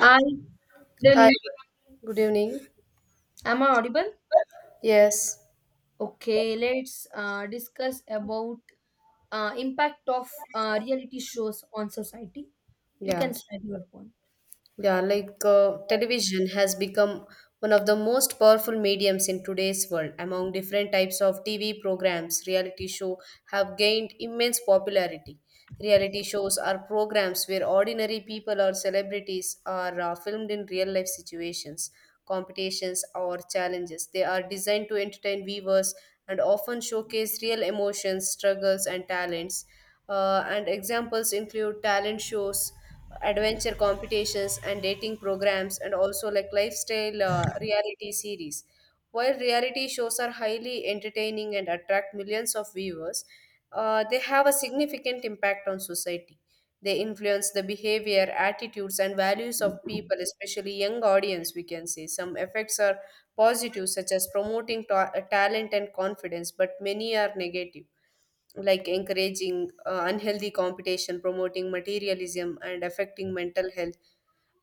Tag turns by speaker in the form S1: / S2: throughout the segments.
S1: Hi,
S2: Hi,
S1: Learning.
S2: good evening.
S1: Am I audible?
S2: Yes,
S1: Okay, let's discuss about impact of reality shows on society. You
S2: yeah,
S1: can start your point.
S2: yeah. Like television has become one of the most powerful mediums in today's world. Among different types of TV programs, reality show have gained immense popularity. Reality shows are programs where ordinary people or celebrities are filmed in real life situations. Competitions, or challenges. They are designed to entertain viewers and often showcase real emotions, struggles, and talents. And examples include talent shows, adventure competitions, and dating programs, and also like lifestyle reality series. While reality shows are highly entertaining and attract millions of viewers, they have a significant impact on society. They influence the behavior, attitudes, and values of people, especially young audience, we can say. Some effects are positive, such as promoting talent and confidence, but many are negative, like encouraging unhealthy competition, promoting materialism, and affecting mental health.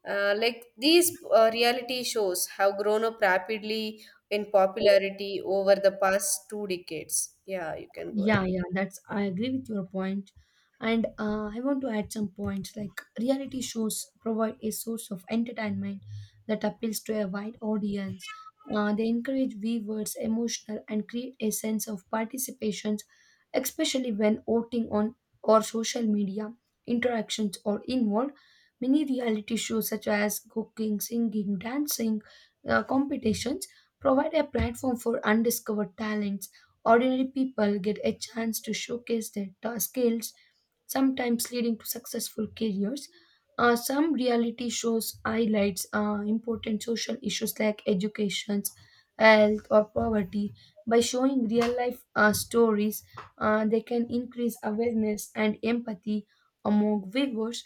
S2: Like these reality shows have grown up rapidly in popularity over the past two decades. Yeah, you can go ahead.
S1: Yeah, yeah, that's I agree with your point. And I want to add some points like reality shows provide a source of entertainment that appeals to a wide audience. They encourage viewers emotional and create a sense of participation, especially when voting on or social media interactions are involved. Many reality shows such as cooking, singing, dancing, competitions provide a platform for undiscovered talents. Ordinary people get a chance to showcase their skills, sometimes leading to successful careers. Some reality shows highlights important social issues like education, health, or poverty. By showing real life stories, they can increase awareness and empathy among viewers.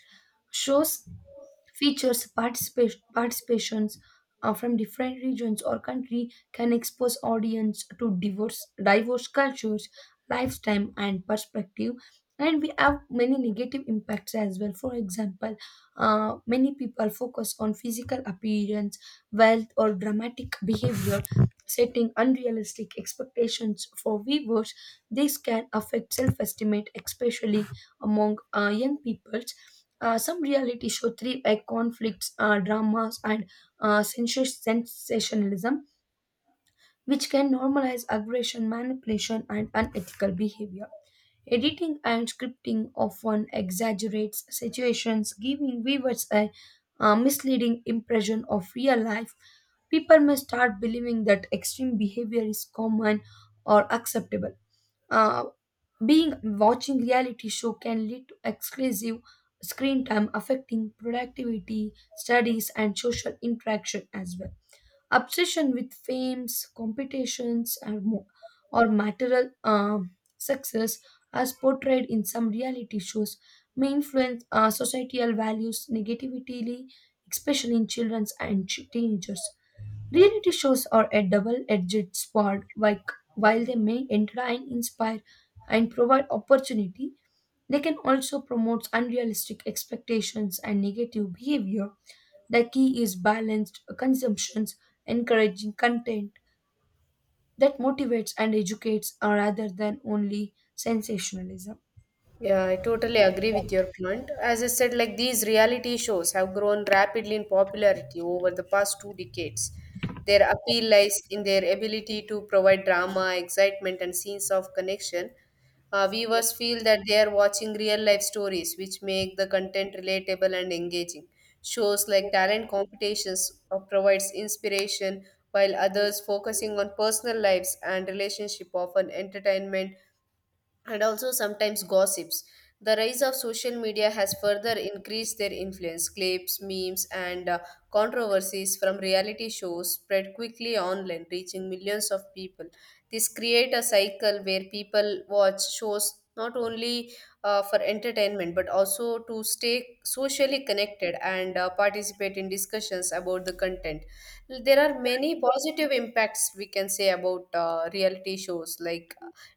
S1: Shows features participations from different regions or country can expose audience to diverse cultures, lifestyle, and perspective. And we have many negative impacts as well. For example, many people focus on physical appearance, wealth, or dramatic behavior, setting unrealistic expectations for viewers. This can affect self-esteem, especially among young people. Some reality show thrive at conflicts, dramas, and sensationalism which can normalize aggression, manipulation, and unethical behavior. Editing and scripting often exaggerates situations, giving viewers a misleading impression of real life. People may start believing that extreme behavior is common or acceptable. Uh, being watching reality show can lead to exclusive screen time affecting productivity, studies, and social interaction as well. Obsession with fames, competitions, or material success, as portrayed in some reality shows, may influence societal values negatively, especially in children and teenagers. Reality shows are a double-edged sword. Like, while they may entertain, inspire, and provide opportunity, they can also promote unrealistic expectations and negative behavior. The key is balanced consumptions, encouraging content that motivates and educates rather than only sensationalism.
S2: Yeah, I totally agree with your point. As I said, like these reality shows have grown rapidly in popularity over the past two decades. Their appeal lies in their ability to provide drama, excitement, and scenes of connection. Viewers feel that they are watching real life stories, which make the content relatable and engaging. Shows like talent competitions provides inspiration, while others focusing on personal lives and relationship often entertainment and also sometimes gossips. The rise of social media has further increased their influence. Clips, memes, and controversies from reality shows spread quickly online, reaching millions of people. This create a cycle where people watch shows not only for entertainment but also to stay socially connected and participate in discussions about the content. There are many positive impacts we can say about reality shows like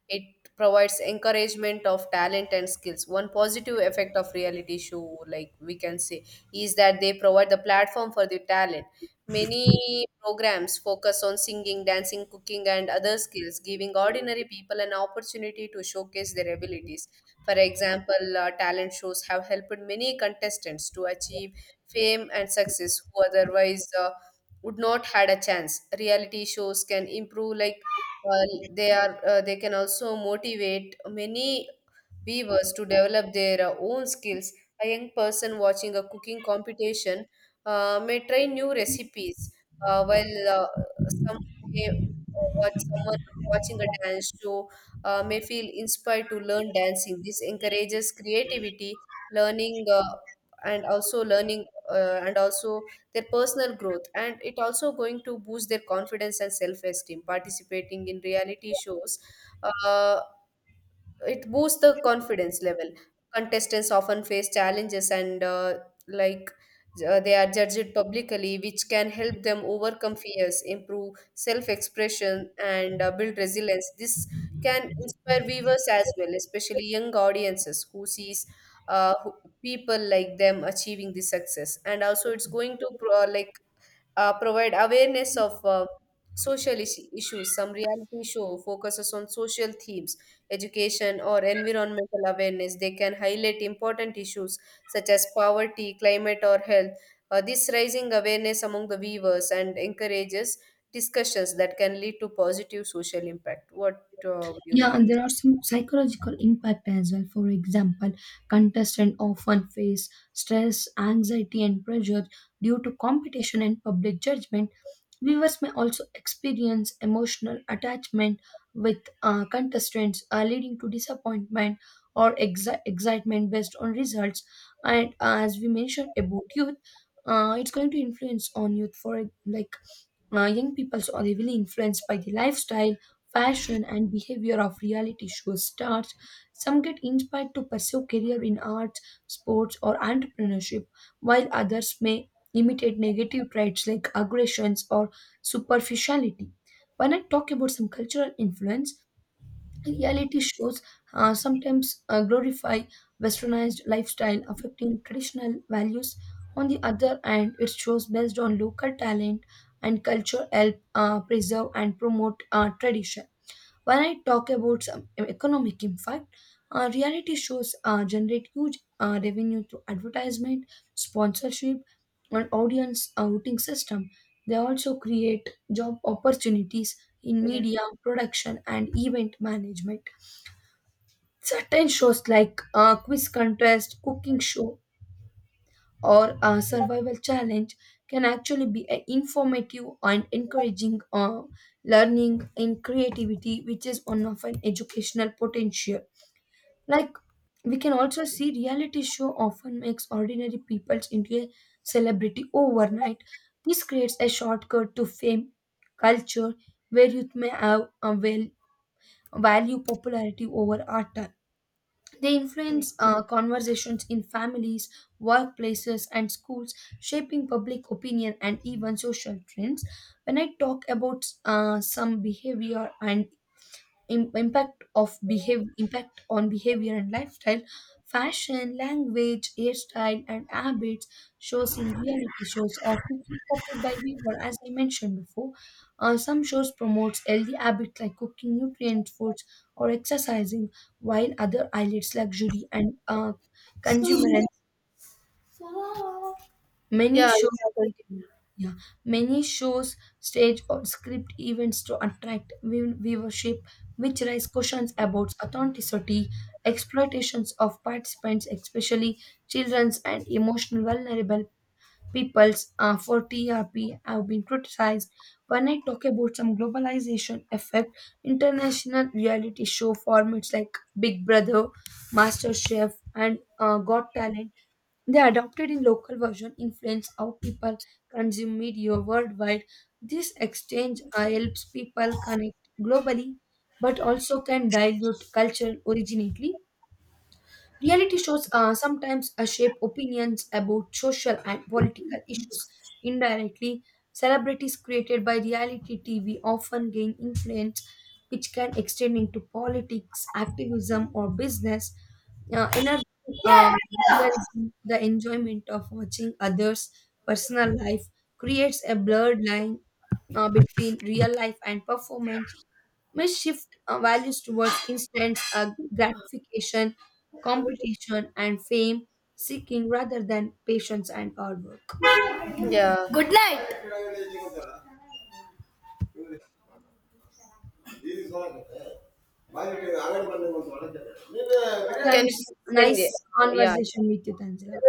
S2: it provides encouragement of talent and skills. One positive effect of reality show, like we can say, is that they provide the platform for the talent. Many programs focus on singing, dancing, cooking, and other skills, giving ordinary people an opportunity to showcase their abilities. For example, talent shows have helped many contestants to achieve fame and success who otherwise would not had a chance. Reality shows can improve like uh, they can also motivate many weavers to develop their own skills. A young person watching a cooking competition may try new recipes, uh, while uh, some may uh, watch someone watching a dance show may feel inspired to learn dancing. This encourages creativity, learning, uh, learning, and also their personal growth. And it also going to boost their confidence and self esteem. Participating in reality shows. Uh, it boosts the confidence level. Contestants often face challenges and like they are judged publicly, which can help them overcome fears, improve self-expression, and build resilience. This can inspire viewers as well, especially young audiences who sees uh, who- people like them achieving the success. And also, it's going to provide awareness of social issues. Some reality show focuses on social themes, education, or environmental awareness. They can highlight important issues such as poverty, climate, or health. This rising awareness among the viewers and encourages discussions that can lead to positive social impact. What would you
S1: Yeah,
S2: like
S1: and
S2: to
S1: there
S2: say?
S1: are some psychological impact as well. For example, contestants often face stress, anxiety, and pressure due to competition and public judgment. Viewers may also experience emotional attachment with contestants, leading to disappointment or excitement based on results. And as we mentioned about youth, it's going to influence on youth for like young people so are heavily influenced by the lifestyle, fashion, and behavior of reality show stars. Some get inspired to pursue career in arts, sports, or entrepreneurship, while others may imitate negative traits like aggressions or superficiality. When I talk about some cultural influence, reality shows sometimes glorify westernized lifestyle affecting traditional values. On the other hand, it shows based on local talent and culture help preserve and promote tradition. When I talk about some economic impact, reality shows generate huge revenue through advertisement, sponsorship, and audience outing system. They also create job opportunities in
S2: Yeah,
S1: media production and event management. Certain shows like a quiz contest, cooking show, or a survival challenge can actually be a informative and encouraging learning and creativity, which is one of an educational potential. Like we can also see reality show often makes ordinary people into a celebrity overnight. This creates a shortcut to fame culture where youth may have a well value popularity over art. They influence conversations in families, workplaces, and schools, shaping public opinion and even social trends. When I talk about some behavior and im- impact of behave impact on behavior and lifestyle, fashion, language, hairstyle, and habits shows in reality shows are quickly copied by weaver, as I mentioned before. Some shows promotes healthy habits like cooking nutrient foods or exercising, while other highlights luxury and consumer and many
S2: yeah, you
S1: shows.
S2: can continue.
S1: Yeah, many shows stage or script events to attract viewership, which raise questions about authenticity, exploitations of participants, especially children's and emotional vulnerable peoples for TRP have been criticized. When I talk about some globalization effect, international reality show formats like Big Brother, MasterChef, and Got Talent, they adopted in local version influence how people consume media worldwide. This exchange helps people connect globally, but also can dilute culture originally. Reality shows sometimes shape opinions about social and political issues indirectly. Celebrities created by reality TV often gain influence, which can extend into politics, activism, or business. Energy, uh,
S2: Yeah.
S1: realism, the enjoyment of watching others' personal life creates a blurred line between real life and performance must shift our values towards instant gratification, competition, and fame seeking rather than patience and hard work.
S2: Yeah. Good night. Can
S1: Yeah,
S2: you
S1: it's
S2: send
S1: nice
S2: it? Yeah.
S1: conversation with you, Tanzila.